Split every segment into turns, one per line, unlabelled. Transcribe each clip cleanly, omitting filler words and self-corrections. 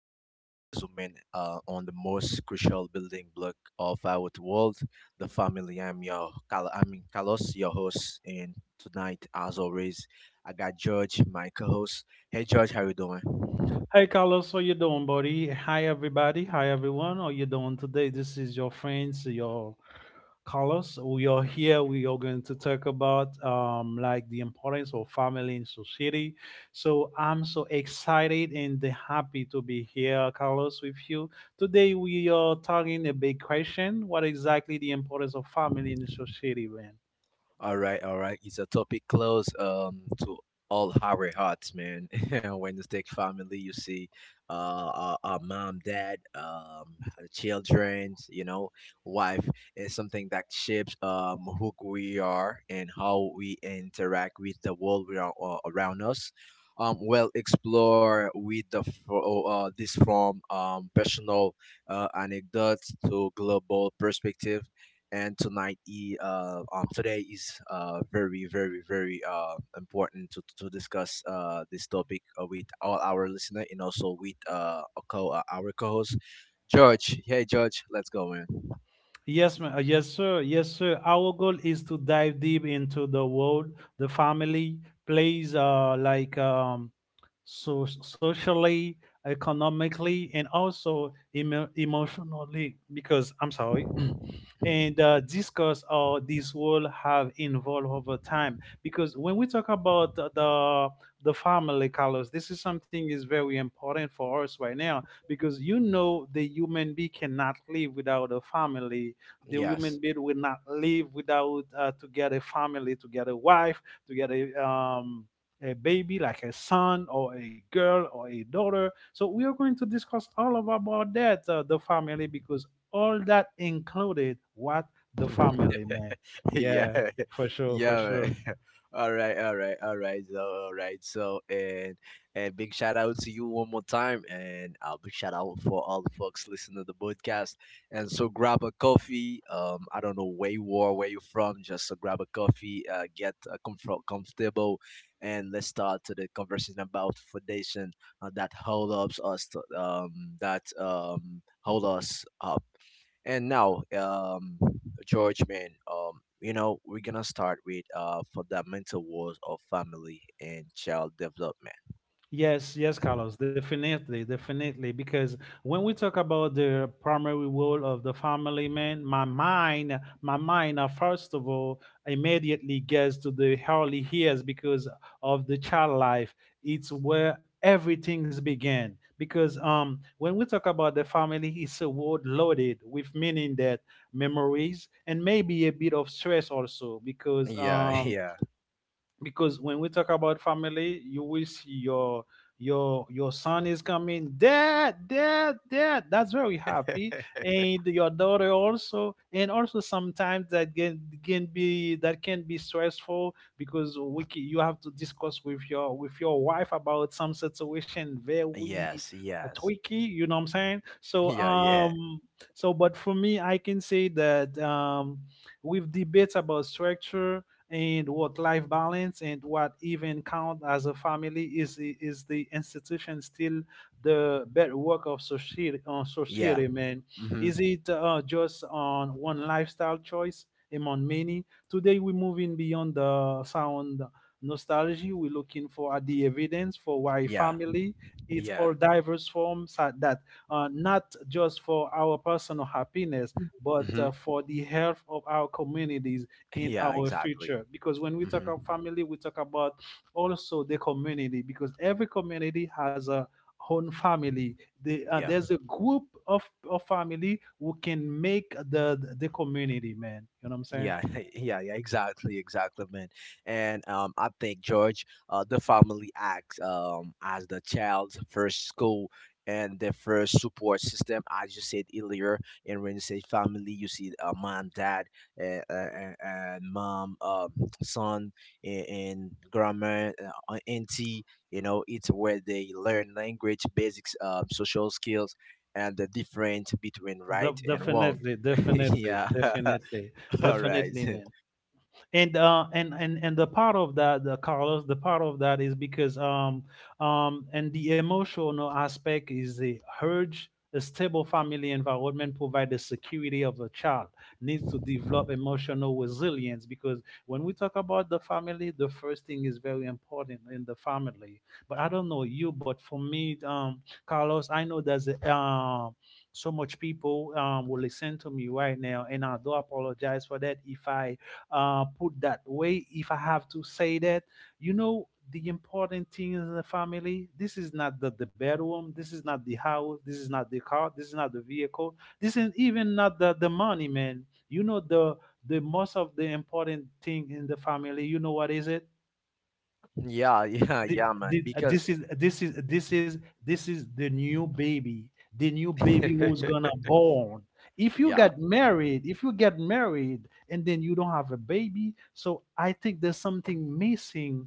where they zoom in on the most crucial building block of our world, the family. I'm your Carlos, your host, and tonight, as always, I got George, my co-host. Hey George, how you doing?
Hey Carlos, how you doing, buddy? Hi everybody, hi everyone. How you doing today? This is your friends, your Carlos. We are here. We are going to talk about like the importance of family in society. So I'm so excited and happy to be here, Carlos, with you today. We are talking a big question: what exactly the importance of family in society, man?
All right, all right. It's a topic close to all our hearts, man. When you take family, you see our mom, dad, our children, you know, wife is something that shapes who we are and how we interact with the world around us. Well, explore with the fro- this from personal anecdotes to global perspective and today is very important to discuss this topic with all our listener and also with our co-host george. Hey george, let's go in.
Yes, sir. Yes, sir. Our goal is to dive deep into the world the family plays, so socially, economically, and also emotionally. Because I'm sorry, and discuss how this world have evolved over time. Because when we talk about the family, Carlos, this is something is very important for us right now, because you know the human being cannot live without a family. The human
Yes.
being will not live without to get a family, to get a wife, to get a baby like a son or a girl or a daughter. So we are going to discuss all of about that, the family, because all that included what the family, man.
yeah,
Yeah, for sure, for
yeah.
sure.
Man. All right, all right, all right. So, all right. So, and big shout out to you one more time, and a big shout out for all the folks listening to the podcast. And so, grab a coffee. I don't know where you are, where you're from. Just so grab a coffee, get comfortable, and let's start to the conversation about foundation that hold us up and now, George, man, you know, we're gonna start with fundamental words of family and child development.
Yes, yes, Carlos, definitely, definitely. Because when we talk about the primary role of the family, man, my mind, first of all, immediately gets to the early years because of the child life. It's where everything's began. Because when we talk about the family, it's a word loaded with meaning, that memories and maybe a bit of stress also.
Yeah, yeah,
Because when we talk about family, you will see your son is coming. Dad, dad, dad. That's very happy, and your daughter also. And also sometimes that, can be stressful, because you have to discuss with your wife about some situation very
yes, yes,
tricky. You know what I'm saying? So
yeah, yeah,
um so, but for me, I can say that, with debates about structure and work-life balance and what even count as a family, is the institution still the bedrock of society,
yeah,
man.
mm-hmm.
Is it just on one lifestyle choice among many? Today we're moving beyond the sound nostalgia. We're looking for the evidence for why
Yeah,
family, it's
yeah,
all diverse forms at that, not just for our personal happiness, but
mm-hmm.
for the health of our communities in
Yeah,
our
exactly.
future. Because when we talk
Mm-hmm.
about family, we talk about also the community, because every community has a own family.
Yeah,
There's a group of, family, who can make the community, man. You know what I'm saying?
yeah, yeah, yeah, exactly, exactly, man. And I think George, the family acts as the child's first school and their first support system. As you said earlier, and when you say family, you see mom, dad, and mom, son, and grandma, auntie. You know, it's where they learn language, basics, social skills, and the difference between
De-
right and wrong.
definitely definitely
Yeah.
definitely
All right.
definitely man. And and the part of that, the Carlos, the part of that is, because and the emotional aspect is a urge, a stable family environment provides the security of a child needs to develop emotional resilience. Because when we talk about the family, the first thing is very important in the family. But I don't know you, but for me, Carlos, I know there's so much people will listen to me right now, and I do apologize for that if I, put that way, if I have to say that. You know the important thing in the family, this is not the bedroom, this is not the house, this is not the car, this is not the vehicle, this is even not the money, man. You know the most of the important thing in the family, you know what is it?
Yeah, yeah,
thi-
yeah, man.
thi-
Because
this is this is this is this is the new baby. The new baby who's gonna born. If you
yeah,
get married, and then you don't have a baby, so I think there's something missing.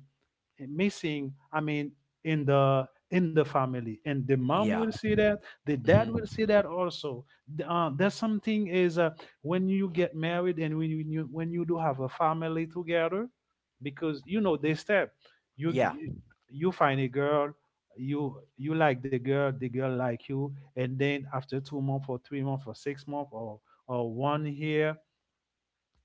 I mean in the, in the family, and the mom will
yeah,
see that. The dad
hmm,
will see that also. There's something is, when you get married, and when you do have a family together, because you know they step. you
yeah,
g- you find a girl. You like the girl, the girl like you. And then after 2 months or 3 months or 6 months or 1 year,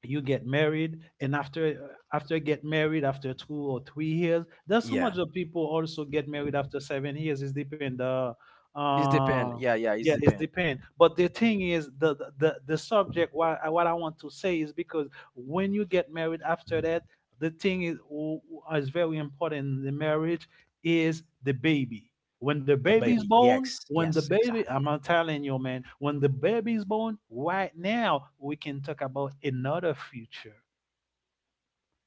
you get married. And after get married, after 2 or 3 years. There's so much
yeah.
of people also get married after 7 years. It's depend.
It's
Uh
depend. Yeah, yeah. It's
yeah, it's
depend.
depend. But the thing is, the subject what I, want to say is, because when you get married after that, the thing is, is very important in the marriage is the baby. When the
The
baby's
baby.
born,
Yes,
when the
yes,
baby, I'm
exactly.
not telling you, man, when the baby's born, right now, we can talk about another future.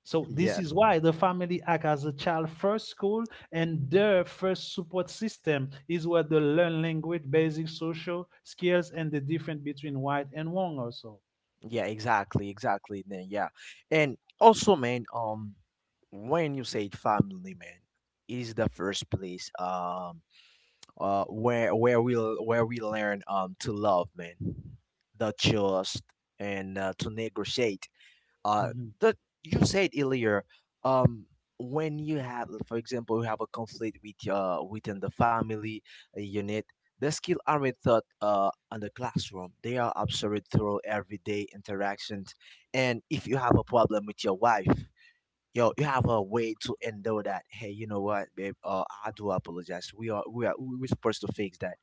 So this
Yes.
is why the family act as a child first school, and their first support system is where they learn language, basic social skills, and the difference between right and wrong also.
Yeah, exactly, exactly. Then yeah, and also, man. When you say family, man, is the first place. Where we where we learn to love, man, the trust and to negotiate uh
Mhm.
that you said earlier um when you have for example you have a conflict with within the family unit. The skill aren't taught on the classroom, they are observed through everyday interactions. And if you have a problem with your wife, yo, you have a way to endure that. Hey, you know what, babe? I do apologize. We're supposed to fix that,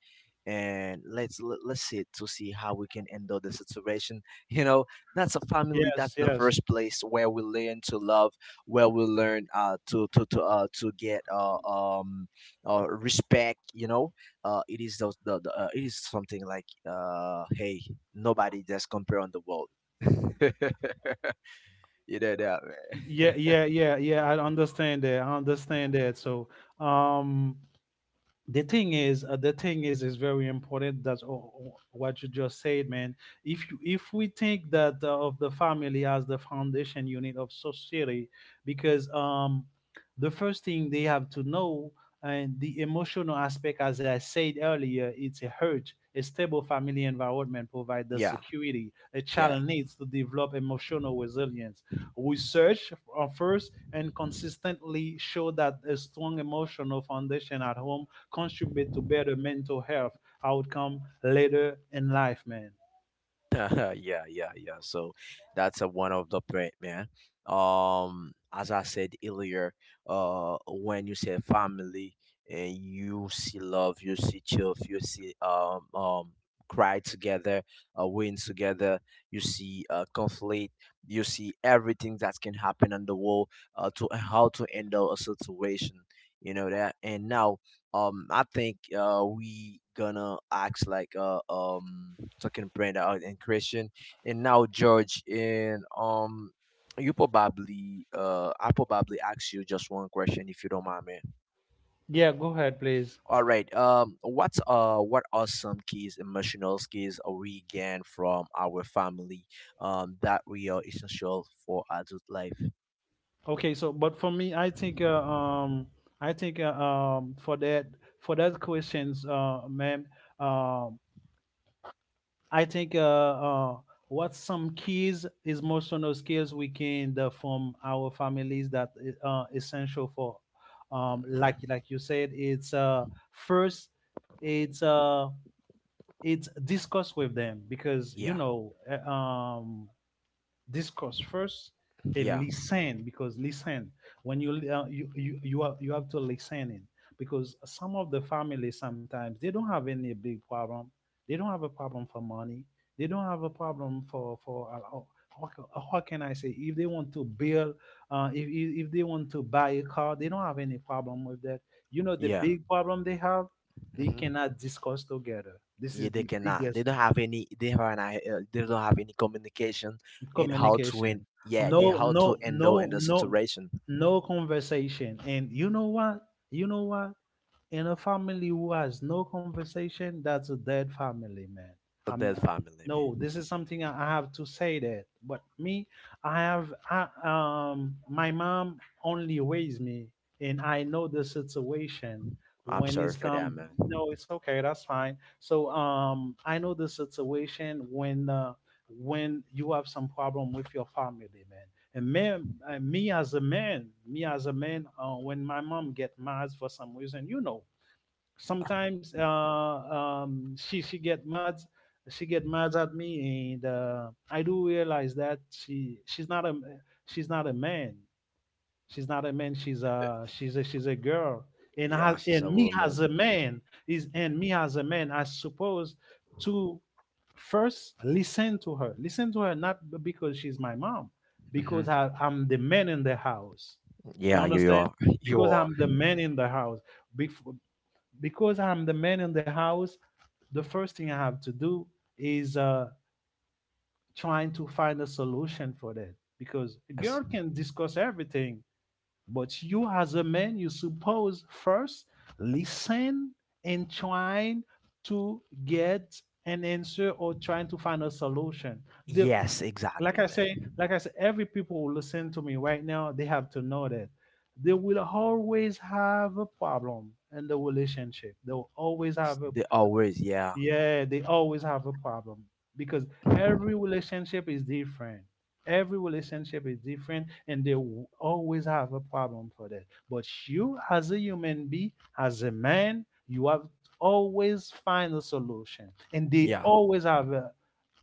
and let's sit to see how we can endure the situation. You know, that's a family.
Yes,
That's the
yes.
first place where we learn to love, where we learn to get respect. You know, it is those the it is something like, hey, nobody just compare on the world. You know that.
Yeah, yeah, yeah, yeah. I understand that. I understand that. So, um, the thing is, the thing is very important that, oh, oh, what you just said, man. If you if we think that, of the family as the foundation unit of society. Because the first thing they have to know, and the emotional aspect, as I said earlier, it's a hurt, a stable family environment provides the
Yeah,
security a
yeah.
child needs to develop emotional resilience. Research, first and consistently show that a strong emotional foundation at home contribute to better mental health outcome later in life, man.
Yeah, yeah, yeah. So that's a one of the point, man. As I said earlier, when you say family, and you see love, you see chill, you see cry together, win together, you see conflict, you see everything that can happen in the world, to how to handle a situation, you know that. And now I think we gonna act like talking Brenda out and Christian, and now George, and you probably I probably ask you just one question if you don't mind, man.
Yeah, go ahead, please.
All right, what's what are some keys emotional skills we gain from our family that we are essential for adult life?
Okay, so but for me, I think for that questions, ma'am. um I think, what some keys is emotional skills we can, from our families, that essential for,
Mm, yeah,
like you said, it's first, it's uh it's discuss with them. Because you
yeah,
know, discuss first, and
yeah,
listen, because listen, when you, you have to listen in, because some of the families, sometimes they don't have any big problem. They don't have a problem for money. They don't have a problem for how, how can I say, if they want to build, if they want to buy a car, they don't have any problem with that. You know the
yeah.
big problem they have, they cannot discuss together. This
Yeah,
is
they
the
cannot. They
biggest.
don't have any. They don't have any communication in how to
Communication.
win. Yeah, they
no
how to
no
handle in
no
the
no
situation.
no conversation. And you know what, you know what in a family who has no conversation, that's a dead family, man.
But
I'm
that family,
No,
man.
this is something I have to say that. But me, my mom only raised me, and I know the situation.
I'm
When
sorry
it's
for
come.
that, man.
No, it's okay, that's fine. So I know the situation when, you have some problem with your family, man. And, man, me as a man, when my mom get mad for some reason, you know, sometimes she get mad, at me, and I do realize that she's not a man, she's not a man, she's a girl. And I,
Yeah, she's a
and me as
woman.
a man is and me as a man, I suppose to first, listen to her. Listen to her not because she's my mom,
Hmm.
because I'm the man in the house. You
Yeah, you
understand?
are. You
Because
are.
I'm the man in the house. Bef- because I'm the man in the house, the first thing I have to do is, trying to find a solution for that. Because a
Yes.
girl can discuss everything, but you, as a man, you suppose first listen, and trying to get an answer or trying to find a solution. The,
Yes,
like
exactly,
I
man.
say, every people who listen to me right now, they have to know that, they will always have a problem in the relationship. They will always
S-
have a
They always. Yeah.
Yeah, they always have a problem, because every relationship is different. Every relationship is different, and they will always have a problem for that. But you, as a human being, as a man, you have always find a solution. And they
Yeah.
always have a,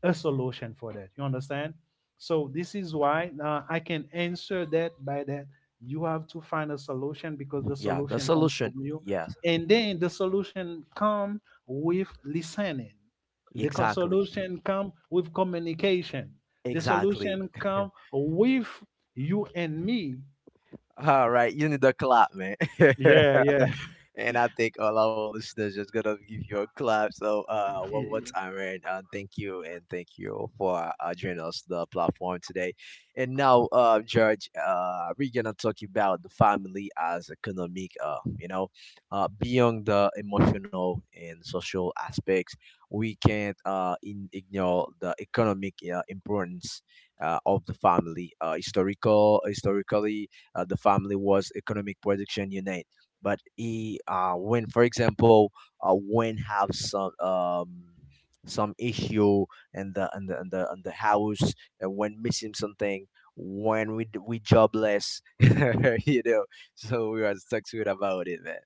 a solution for that. You understand? So this is why, I can answer that by that, you have to find a solution, because the
Yeah. The
solution comes from
solution.
you.
Yes.
And then the solution come with listening. The
Exactly.
solution come with communication. The
Exactly.
solution come with you and me.
All right, you need a clap, man.
Yeah, yeah.
And I think all our listeners just gonna give you a clap. So, one more time, man. Thank you and thank you for joining us the platform today. And now, George, we're gonna talk about the family as economic, you know, beyond the emotional and social aspects. We can't ignore the economic importance of the family. Historically, the family was economic production unit. But he, when for example, when have some issue in the house, and when missing something, when we we jobless, you know, so we are stuck to it about it, man.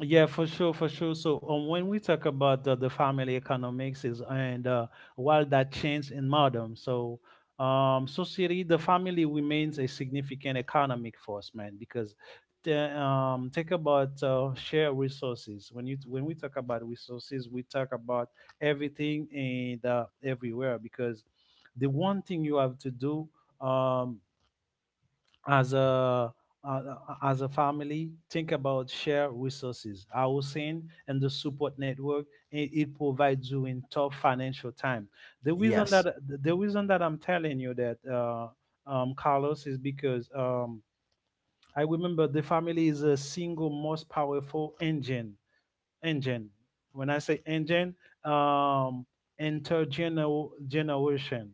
Yeah, for sure, for sure. So when we talk about the family economics is and while that changed in modern, so society, the family remains a significant economic force, man, because think about share resources. When we talk about resources, we talk about everything and everywhere because the one thing you have to do. Um, as a uh, as a family, think about shared resources, housing, and the support network it provides you in tough financial time. the reason
Yes,
that the reason that i'm telling you that Carlos, is because I remember the family is a single most powerful engine, engine when I say engine, um intergeneral generation,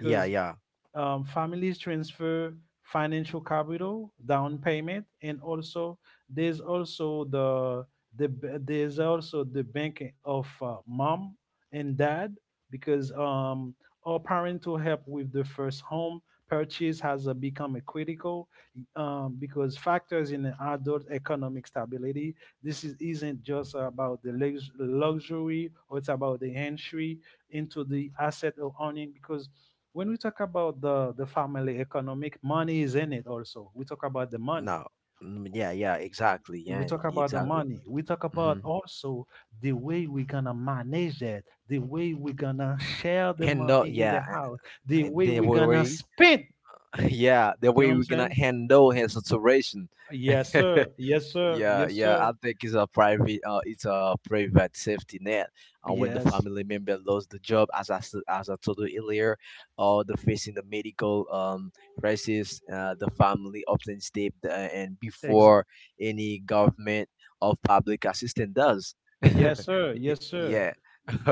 yeah, yeah,
families transfer financial capital, down payment, and also there's also the there's also the bank of mom and dad, because all parental help with the first home purchase has become a critical, because factors in adult economic stability. This isn't just about the luxury, or it's about the entry into the asset of owning, because when we talk about the family economic money is in it, also we talk about the money,
no, mm, yeah, yeah, exactly,
we
yeah,
talk about the
exactly.
money, we talk about
Mm-hmm.
also the way we're gonna manage it, the way we're gonna share the
And no,
money in the
yeah,
house, the way
they
we're gonna
were.
spend.
Yeah, the
You know
way
what I'm
we're gonna
saying?
handle his saturation.
Yes sir, yes sir,
Yeah,
yes
yeah,
sir,
I think it's a private safety net. And when the
yes
family member lost the job, as I told you earlier, or the facing the medical crisis, the family often step and
ex-
before any government or public assistance does.
yes sir, yes sir.
Yeah,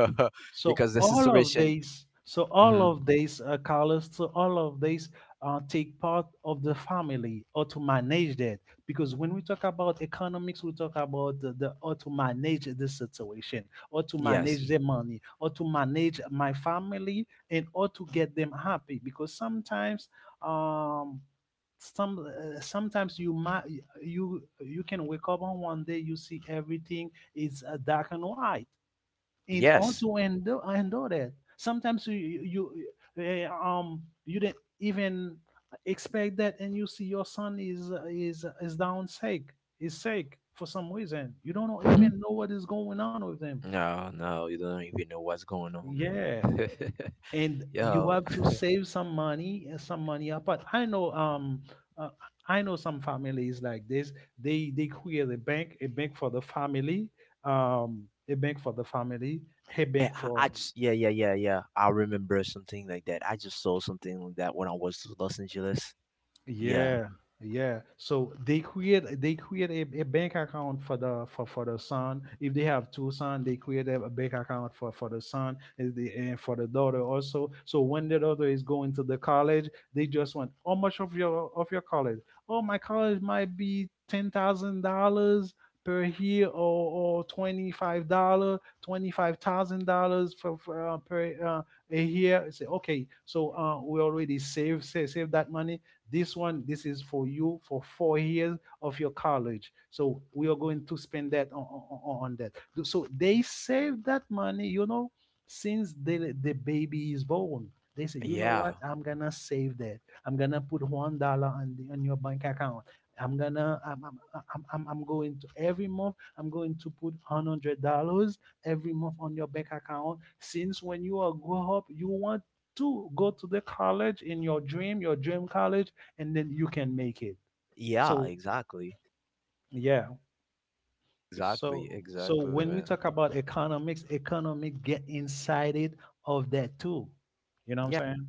So
because the
all of
situation.
these, so
Mhm.
all of these colors, so all of these take part of the family or to manage that. Because when we talk about economics, we talk about the how to manage the situation, or to
Yes.
manage the money, or to manage my family, and or to get them happy. Because sometimes, um, some sometimes you might you can wake up on 1 day, you see everything is dark and white, in order
Yes.
to endure, endure that. Sometimes you you didn't even expect that, and you see your son is down sick, is sick for some reason you don't know, even know what is going on with them.
No, no, you don't even know what's going on,
Yeah,
man.
and you
Yo,
have to save some money and some money apart. I know, uh, I know some families like this. They create a bank, a bank for the family, um a bank for the family, a
yeah,
bank
I
for.
just, yeah, yeah, yeah, yeah. I remember something like that. I just saw something like that when I was to Los Angeles. Yeah,
Yeah, yeah. So they create, they create a bank account for for the son. If they have two sons, they create a bank account for the son, and, the, and for the daughter also. So when the daughter is going to the college, they just want how much of your, of your college? Oh, my college might be $10,000 per year, or $25 $25,000 for per a year. I say okay, so we already save, save, save that money. This one, this is for you for 4 years of your college. So we are going to spend that on that. So they save that money, you know, since the baby is born. They say, you know
yeah,
what? I'm gonna save that. I'm gonna put $1 on the, on your bank account. I'm gonna I'm going to every month, I'm going to put $100 every month on your bank account. Since when you are grow up, you want to go to the college in your dream, your dream college, and then you can make it.
yeah,
So
exactly,
yeah.
exactly,
So so
exactly,
when we
man.
talk about economics, economics get inside it of that too. You know what I'm
Yeah.
saying?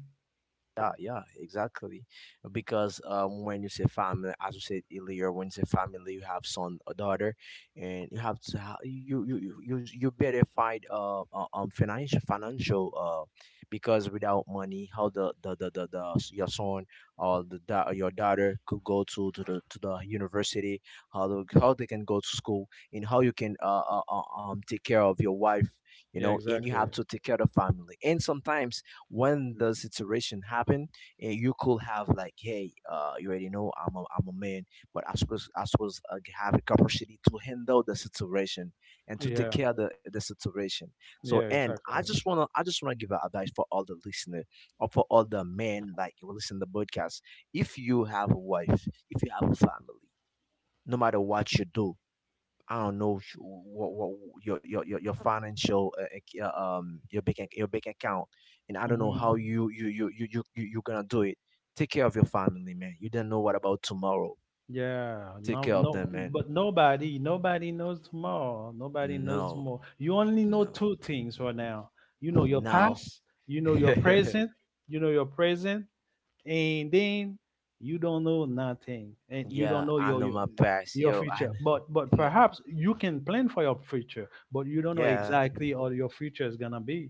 Yeah, yeah, exactly. Because when you say family, as you said earlier, when you say family, you have son or daughter, and you have to you you better find financial financial because without money, how your son or or your daughter could go to the university, how the, how they can go to school, and how you can take care of your wife, you
Yeah,
know, and you
exactly.
have to take care of family, and sometimes when the situation happen, eh, you could have like, hey, uh, you already know I'm a man but I suppose I have a capacity to handle the situation and to take
Yeah,
care of the situation. So
yeah.
and I just want to give a advice for all the listener or for all the men like who listen to the podcast. If you have a wife, if you have a family, no matter what you do, I don't know what your your financial your your bank account, and I don't know how
Hmm.
you you gonna do it. Take care of your family, man. You don't know what about tomorrow.
Yeah,
Take
no,
care of
no,
them, man.
but nobody, nobody knows tomorrow. Nobody knows
No,
tomorrow. You only know
no,
two things right now. You know your
now.
past. You know your present. You know your present, and then you don't know nothing, and you don't
Yeah,
know
I know my past,
your
yo. I
future. But
know.
perhaps you can plan for your future, but you don't know
Yeah,
exactly how your future is gonna be.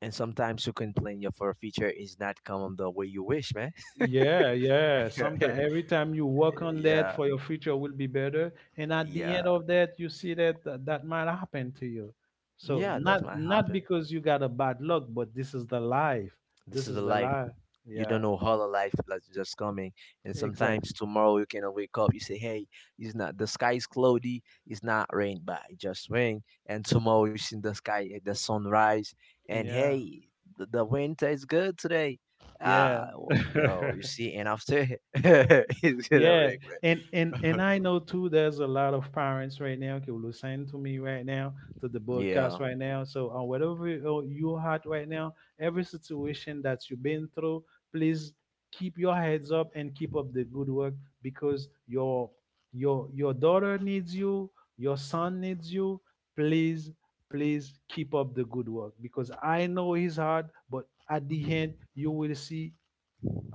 and sometimes you complain your for future is not coming the way you wish, man.
Yeah, yeah, sometimes every time you work
Yeah,
on that
yeah,
for your future will be better, and at the end of that you see that that might happen to you. So
yeah. That's
not,
might
not
happen.
because you got a bad luck, but this is the life.
This
This
is the
is the
life.
life.
You
Yeah,
don't know how the life that's just coming. And sometimes
exactly.
tomorrow you cannot wake up. You say, hey, it's not the sky is cloudy, it's not rain, but it just rain. And tomorrow you see the sky, eh, the sunrise, and
Yeah,
hey, the winter is good today.
yeah.
Ah, well, yo, you see, and after it's gonna
Yeah,
rain,
and
man.
I know too. There's a lot of parents right now who listen to me right now, to the
yeah,
broadcast right now. So on whatever you're at right now, every situation that you've been through, please keep your heads up and keep up the good work, because your your daughter needs you, your son needs you. Please, please keep up the good work, because I know it's hard, but at the end you will see.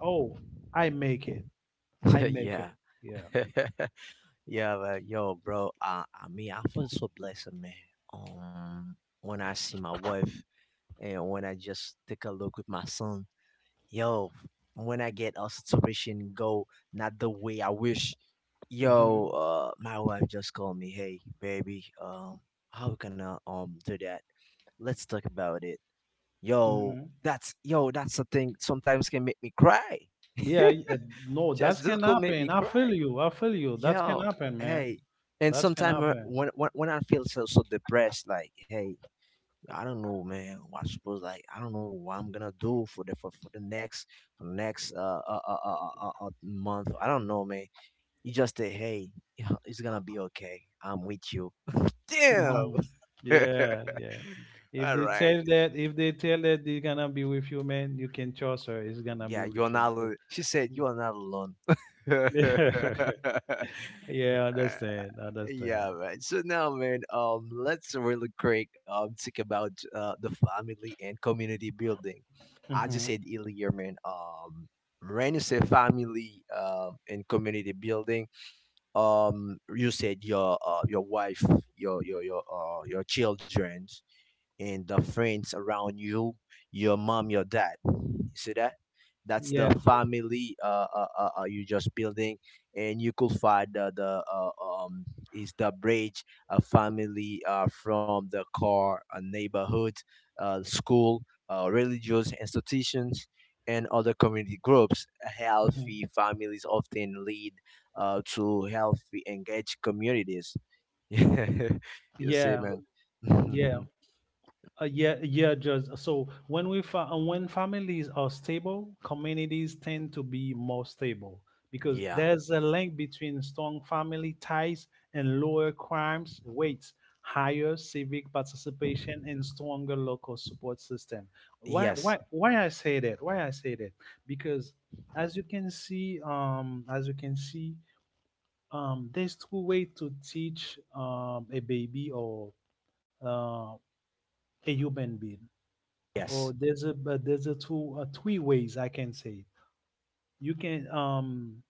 Oh, I make it. I make
yeah.
it. Yeah.
Yeah, but yo, bro, I mean, I feel so blessed, man. When I see my wife, and when I just take a look with my son, yo, when I get a situation go not the way I wish, yo,
Mhm,
my wife just called me, hey, baby, how we gonna do that? Let's talk about it. Yo,
mhm.
yo, that's the thing. Sometimes can make me cry.
Yeah, no, that
Just this
can
could make
happen.
me
I feel
cry.
you. I feel you. That can
Yo,
happen, man.
hey, and
That can
sometimes
happen.
when I feel so so depressed, like, hey, I don't know, man. I suppose like I don't know what I'm gonna do for for the next month. I don't know, man. You just say, hey, it's gonna be okay. I'm with you. Damn.
Hmm. Yeah, yeah. If
All
they
right.
tell that, if they tell that they're gonna be with you, man, you can trust her. It's gonna be
Yeah,
with
you are
you
not.
because.
Alone. She said you are not alone.
yeah, I
All
understand. I understand.
Yeah, man. So now, man, let's really quick talk about the family and community building. I just
Hmm.
said earlier, man. When you say family and community building, you said your wife, your your children and the friends around you, your mom, your dad. You see that? That's the
Yeah.
family you just building, and you could find the is the bridge a family from the car, a neighborhood, school, religious institutions, and other community groups.
Hmm.
Healthy families often lead to healthy, engaged communities. You see,
Yeah.
man.
Yeah. Yeah, yeah, just so when we when families are stable, communities tend to be more stable, because
Yeah.
there's a link between strong family ties and lower crimes rates, higher civic participation, and stronger local support system.
Yes.
Why I say that? Why I say that? Because as you can see, as you can see, there's two ways to teach a baby or uh, a human being, or
Yes.
there's a two three ways I can say it. You can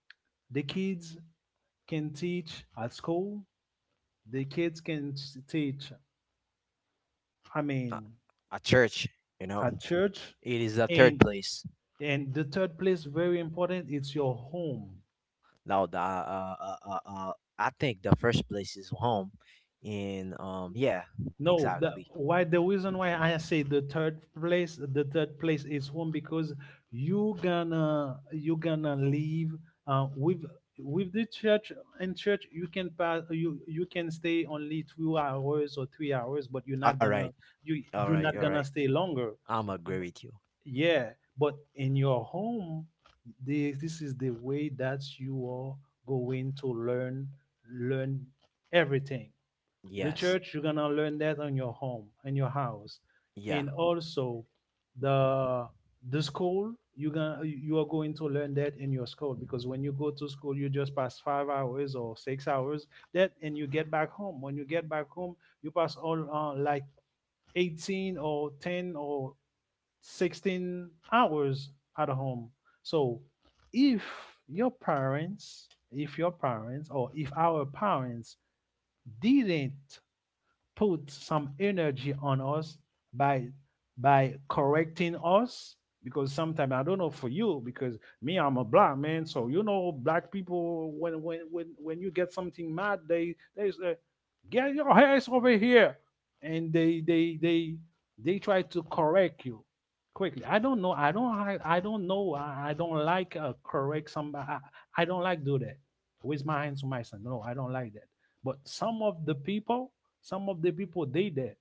the kids can teach at school. The kids can teach, I
A,
mean
a church, you know.
at church,
It is the third
and
place.
and the third place very important. It's your home.
Now, I think the first place is home. And yeah,
No, the
exactly.
why the reason why I say the third place is home, because you gonna, you gonna leave uh, with with the church. In church you can pass, you can stay only 2 hours or 3 hours, but you're
All
not
right.
gonna, you
All
you're
right. All
not
right.
gonna stay longer.
I'm agree with you.
Yeah, but in your home, the, this is the way that you are going to learn, learn everything. The
Yes.
church, you're gonna learn that on your home, in your house,
Yeah.
and also the the school, you're gonna, you are going to learn that in your school, because when you go to school you just pass 5 hours or 6 hours that, and you get back home. When you get back home, you pass all like 18 or 10 or 16 hours at home. So if your parents, if your parents, or if our parents didn't put some energy on us, by by correcting us, because sometimes I don't know for you, because me, I'm a black man, so you know black people, when you get something mad, they say get your hands over here, and they they try to correct you quickly. I don't know I don't I don't know I don't like correct somebody. I don't like do that with my hands to my son, no, I don't like that. But some of the people, some of the people did that,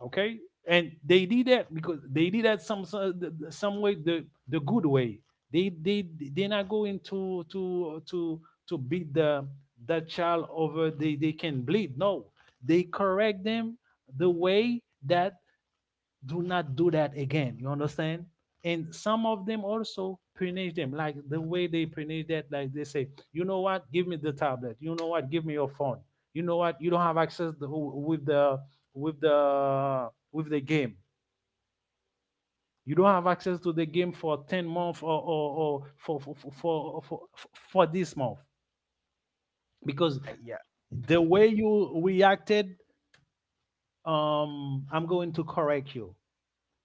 okay, and they did that because they did that some some way, the good way. They not going to beat the child over, they can bleed. No, they correct them the way that do not do that again. You understand? And some of them also punish them, like the way they punish that, like they say, you know what, give me the tablet. You know what, give me your phone. You know what, you don't have access to, with the with the game. You don't have access to the game for 10 months or for, for for this month, because
Yeah.
the way you reacted, I'm going to correct you.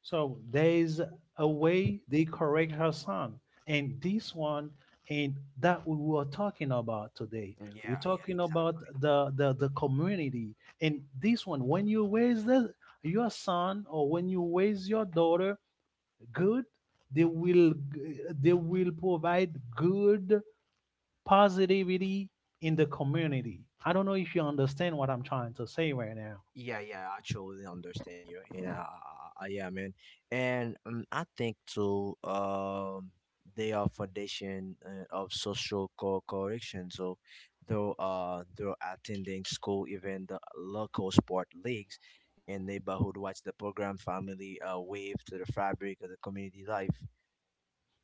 So there is a way they correct her son. And this one, and that we were talking about today. We're
Yeah.
talking
Yeah.
about the community. And this one, when you raise the, your son, or when you raise your daughter good, they will, they will provide good positivity in the community. I don't know if you understand what I'm trying to say right now.
Yeah, yeah, I totally understand you. Yeah, yeah, man. And I think too, they are foundation of social correction. So, though, through attending school, even the local sport leagues and neighborhood watch the program, family wave to the fabric of the community life.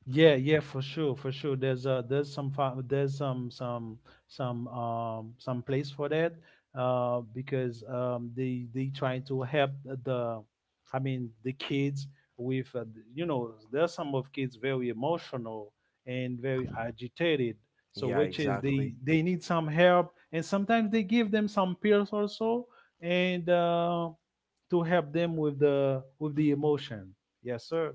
Yeah, yeah, for sure, for sure. There's some fa- there's some place for that because they trying to help the I mean the kids with there's some of kids very emotional and very agitated, so
Yeah,
which is they
exactly.
they need some help, and sometimes they give them some pills also, and to help them with the emotion. Yes, sir.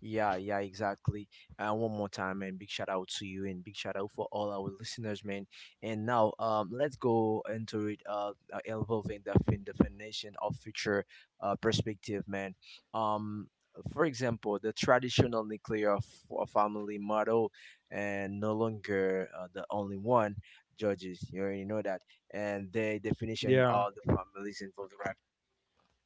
Yeah, yeah, exactly. And one more time, man, big shout out to you and big shout out for all our listeners, man. And now, let's go into it. Evolving the definition of future perspective, man. Um, for example, the traditional nuclear family model and no longer the only one judges. You already know that, and the definition
Yeah.
of the families involved. Right?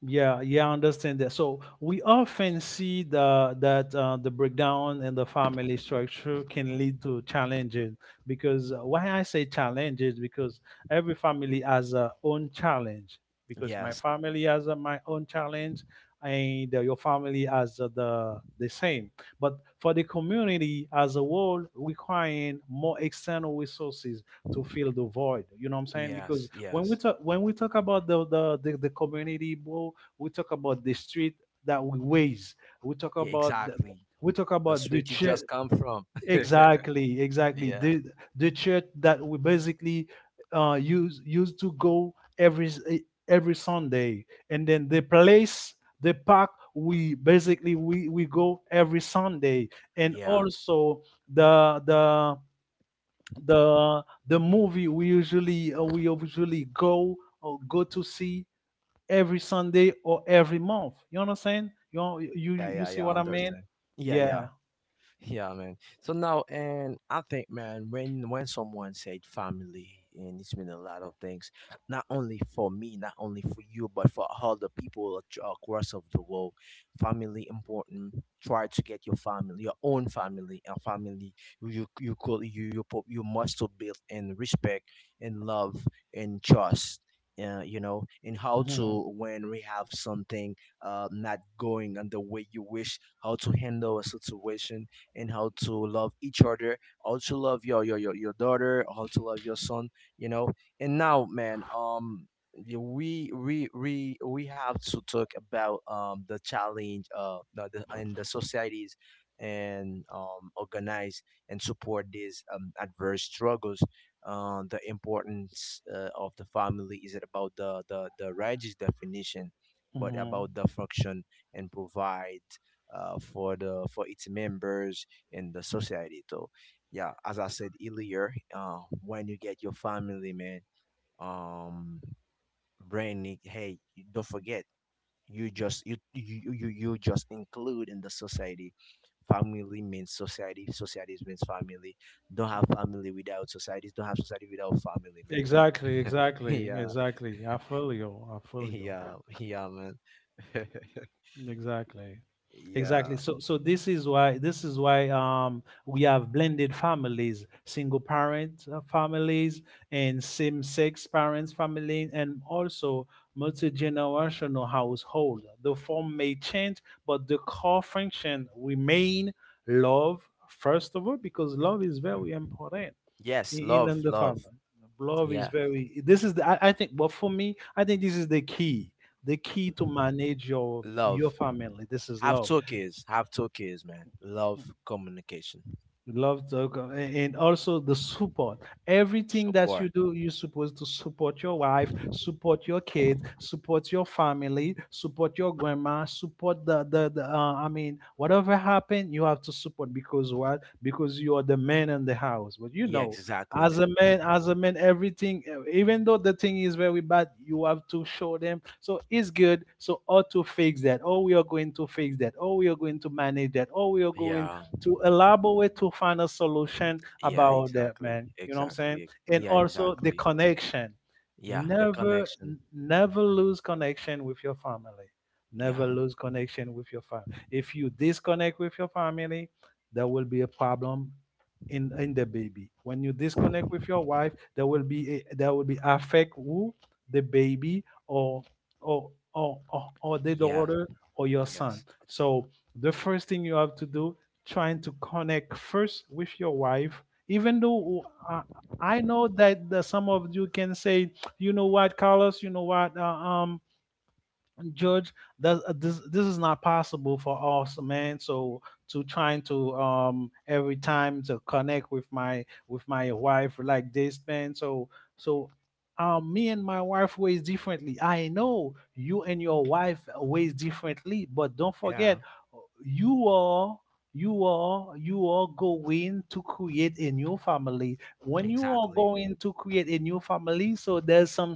Yeah, yeah, I understand that. So we often see the that the breakdown in the family structure can lead to challenges. Because why I say challenges? Because every family has a own challenge. Because my
Yes,
family has my own challenge, and your family has the same. But for the community as a whole, requiring more external resources to fill the void. You know what I'm saying? Because
yes,
when
yes.
we talk when we talk about the community, bro, we talk about the street that we ways, we talk
Yeah,
about
exactly.
we talk about
That's where
the
you
church.
just come from. Yeah.
Exactly, exactly,
Yeah.
the church that we basically used to go every every Sunday, and then the place, the park we basically we go every Sunday, and
Yeah.
also the the the movie we usually go go to see every Sunday or every month. You understand? You know, you
Yeah,
see
yeah. I
what I mean?
understand. Yeah. Yeah.
Yeah.
Yeah, man. So now, and I think, man, when someone said family, and it's been a lot of things, not only for me, not only for you, but for all the people across of the world. Family important. Try to get your family, your own family, and family you you could you you pu- you must to build in respect and love and trust. You know, and how to
Hmm.
when we have something not going on the way you wish, how to handle a situation and how to love each other, how to love your daughter, how to love your son, you know. And now, man, we have to talk about the challenge the and the societies and organize and support these adverse struggles the importance of the family isn't about the righteous definition, but
Hmm.
about the function and provide for the for its members in the society. So, yeah, as I said earlier, when you get your family, man, um, brain, hey, you don't forget, you just you just include in the society. Family means society. Society means family. Don't have family without society. Don't have society without family,
Exactly.
man.
Exactly.
Yeah,
Exactly. I feel you. I feel you.
yeah, yeah, man.
Exactly. Exactly.
Yeah.
So this is why we have blended families, single parent families and same-sex parents family, and also multi-generational household. The form may change, but the core function remain love, first of all, because love is very important
Yes, love,
in the
love.
family. Love is
Yeah,
very. This is the. I think. But for me, I think this is the key. The key to manage your
love.
family. This is
Have
love.
two kids. Have two kids, man. Love communication.
Love Togo, and also the support. Everything that you
Support.
do, you're supposed to support your wife, support your kids, support your family, support your grandma, support the I mean, whatever happened, you have to support. Because what? Because you are the man in the house. But you
Yeah,
know,
exactly, man.
as a man, everything, even though the thing is very bad, you have to show them. So it's good. So how to fix that? Oh, we are going to fix that. Oh, we are going to manage that. Oh, we are going
Yeah.
to elaborate to find a solution
Yeah,
about that,
exactly.
man. You know what I'm saying?
Exactly.
And
Yeah,
also the
exactly.
connection.
Yeah, the
Never,
connection.
never lose connection with your family.
Yeah.
Never lose connection with your family. If you disconnect with your family, there will be a problem in the baby. When you disconnect with your wife, there will be a, there will be affect who the baby or or the
Yeah.
daughter or your son.
Yes.
So the first thing you have to do, trying to connect first with your wife, even though uh, I know that the, some of you can say, you know what, Carlos, you know what, George, that this is not possible for us, man. So to trying to every time to connect with my wife like this, man. So so me and my wife ways differently. I know you and your wife ways differently, but don't forget,
Yeah.
you are you are going to create a new family. When you are
Exactly.
going to create a new family, so there's some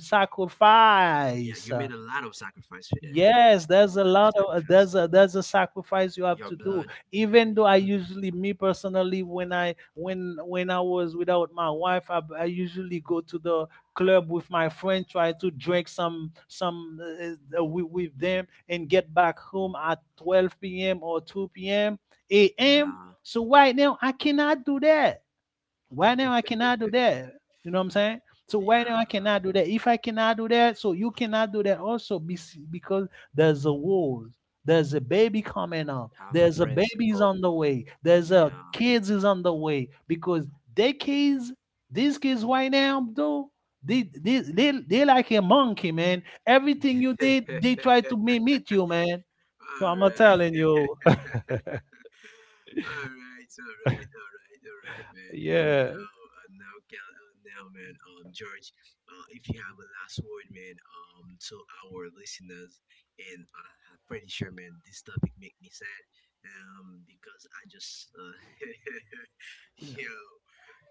Yeah,
sacrifice.
you made a lot of sacrifice for that.
Yes,
A
there's a
lot of
lot of
sacrifice.
there's a sacrifice you have
Your
to do.
blood.
Even though I usually, me personally, when I was without my wife, I usually go to the club with my friend, try to drink some with them, and get back home at 12 p.m. or 2 p.m. a.m.
Yeah.
So right now, I cannot do that. Why now I cannot do that? You know what I'm saying? So why now
Yeah.
I cannot do that? If I cannot do that, so you cannot do that also, because there's a war. There's a baby coming up.
Have a
There's a baby's
principle.
on the way. There's a
Yeah.
kids is on the way. Because they kids, these kids right now, though, they like a monkey, man. Everything you did, they try to mimic you, man.
All
I'm
right.
telling you.
All right, all right, all right, all right, man. And
Yeah.
now, now, man, George, if you have a last word, man, to our listeners, and I'm pretty sure, man, this topic make me sad, because I just, yo,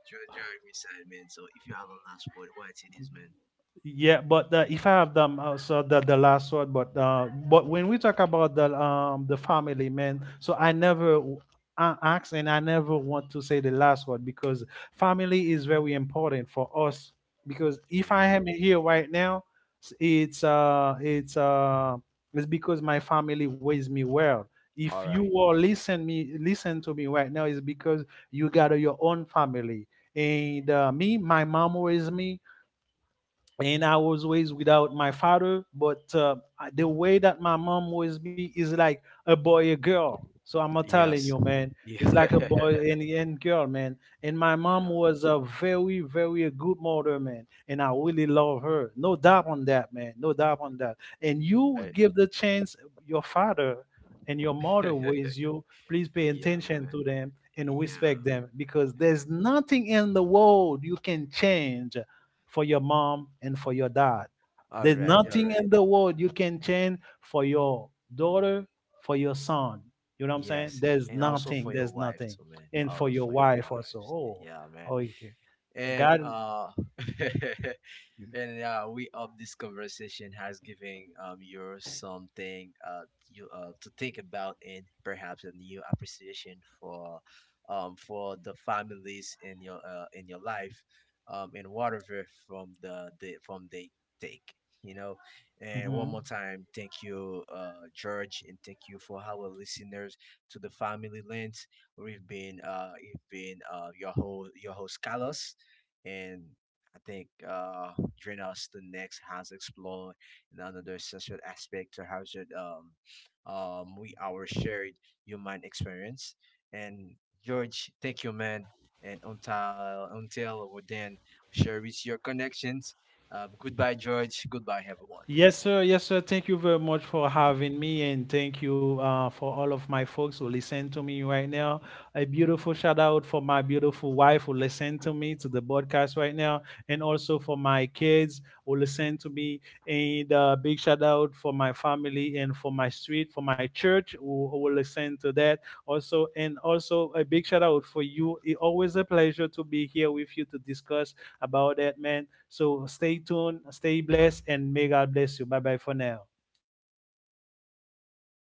George, drive me sad, man. So if you have a last word, what it is, man?
Yeah, but if I have them, so the last word. But when we talk about the family, man. So I never ask, and I never want to say the last word, because family is very important for us. Because if I
Yeah.
am here right now, s- it's uh it's uh it's because my family raised me well. If
All
you
right.
all listen me, listen to me right now, it's because you got your own family. And me, my mom raised me, and I was raised without my father. But the way that my mom was be is like a boy, a girl. So I'm not telling you,
Yes.
man. It's like
Yeah.
a boy and girl, man. And my mom
Yeah,
was a very, very good mother, man. And I really love her. No doubt on that, man. No doubt on that. And you
I-
give the chance your father and your mother raise you, please pay
yeah,
attention
man,
to them and respect
yeah.
them, because there's nothing in the world you can change for your mom and for your dad.
All
There's
right. All
nothing
right.
in the world you can change for your daughter, for your son. You know what I'm saying?
Yes,
There's
and also
nothing.
for your
There's
wife
nothing.
too, man.
And for
Also
your
for your
wife also.
wives.
Oh,
Yeah,
oh,
man.
okay.
And
God.
and yeah, we hope this conversation has given you something you to think about and perhaps a new appreciation for the families in your life and whatever from the from they take. You know, and one
Mhm.
more time, thank you, George, and thank you for our listeners to the family lens. We've been, your host Carlos, and I think Drenos the next has explored another essential aspect to how should we our shared human experience. And George, thank you, man. And until we then share with your connections. Goodbye, George. Goodbye, everyone.
Yes, sir. Yes, sir. Thank you very much for having me, and thank you for all of my folks who listen to me right now. A beautiful shout out for my beautiful wife who listen to me to the podcast right now, and also for my kids who listen to me. And big shout out for my family and for my street, for my church who will listen to that also. And also a big shout out for you. It always a pleasure to be here with you to discuss about that, man. So stay tuned, stay blessed, and may God bless you. Bye bye for now.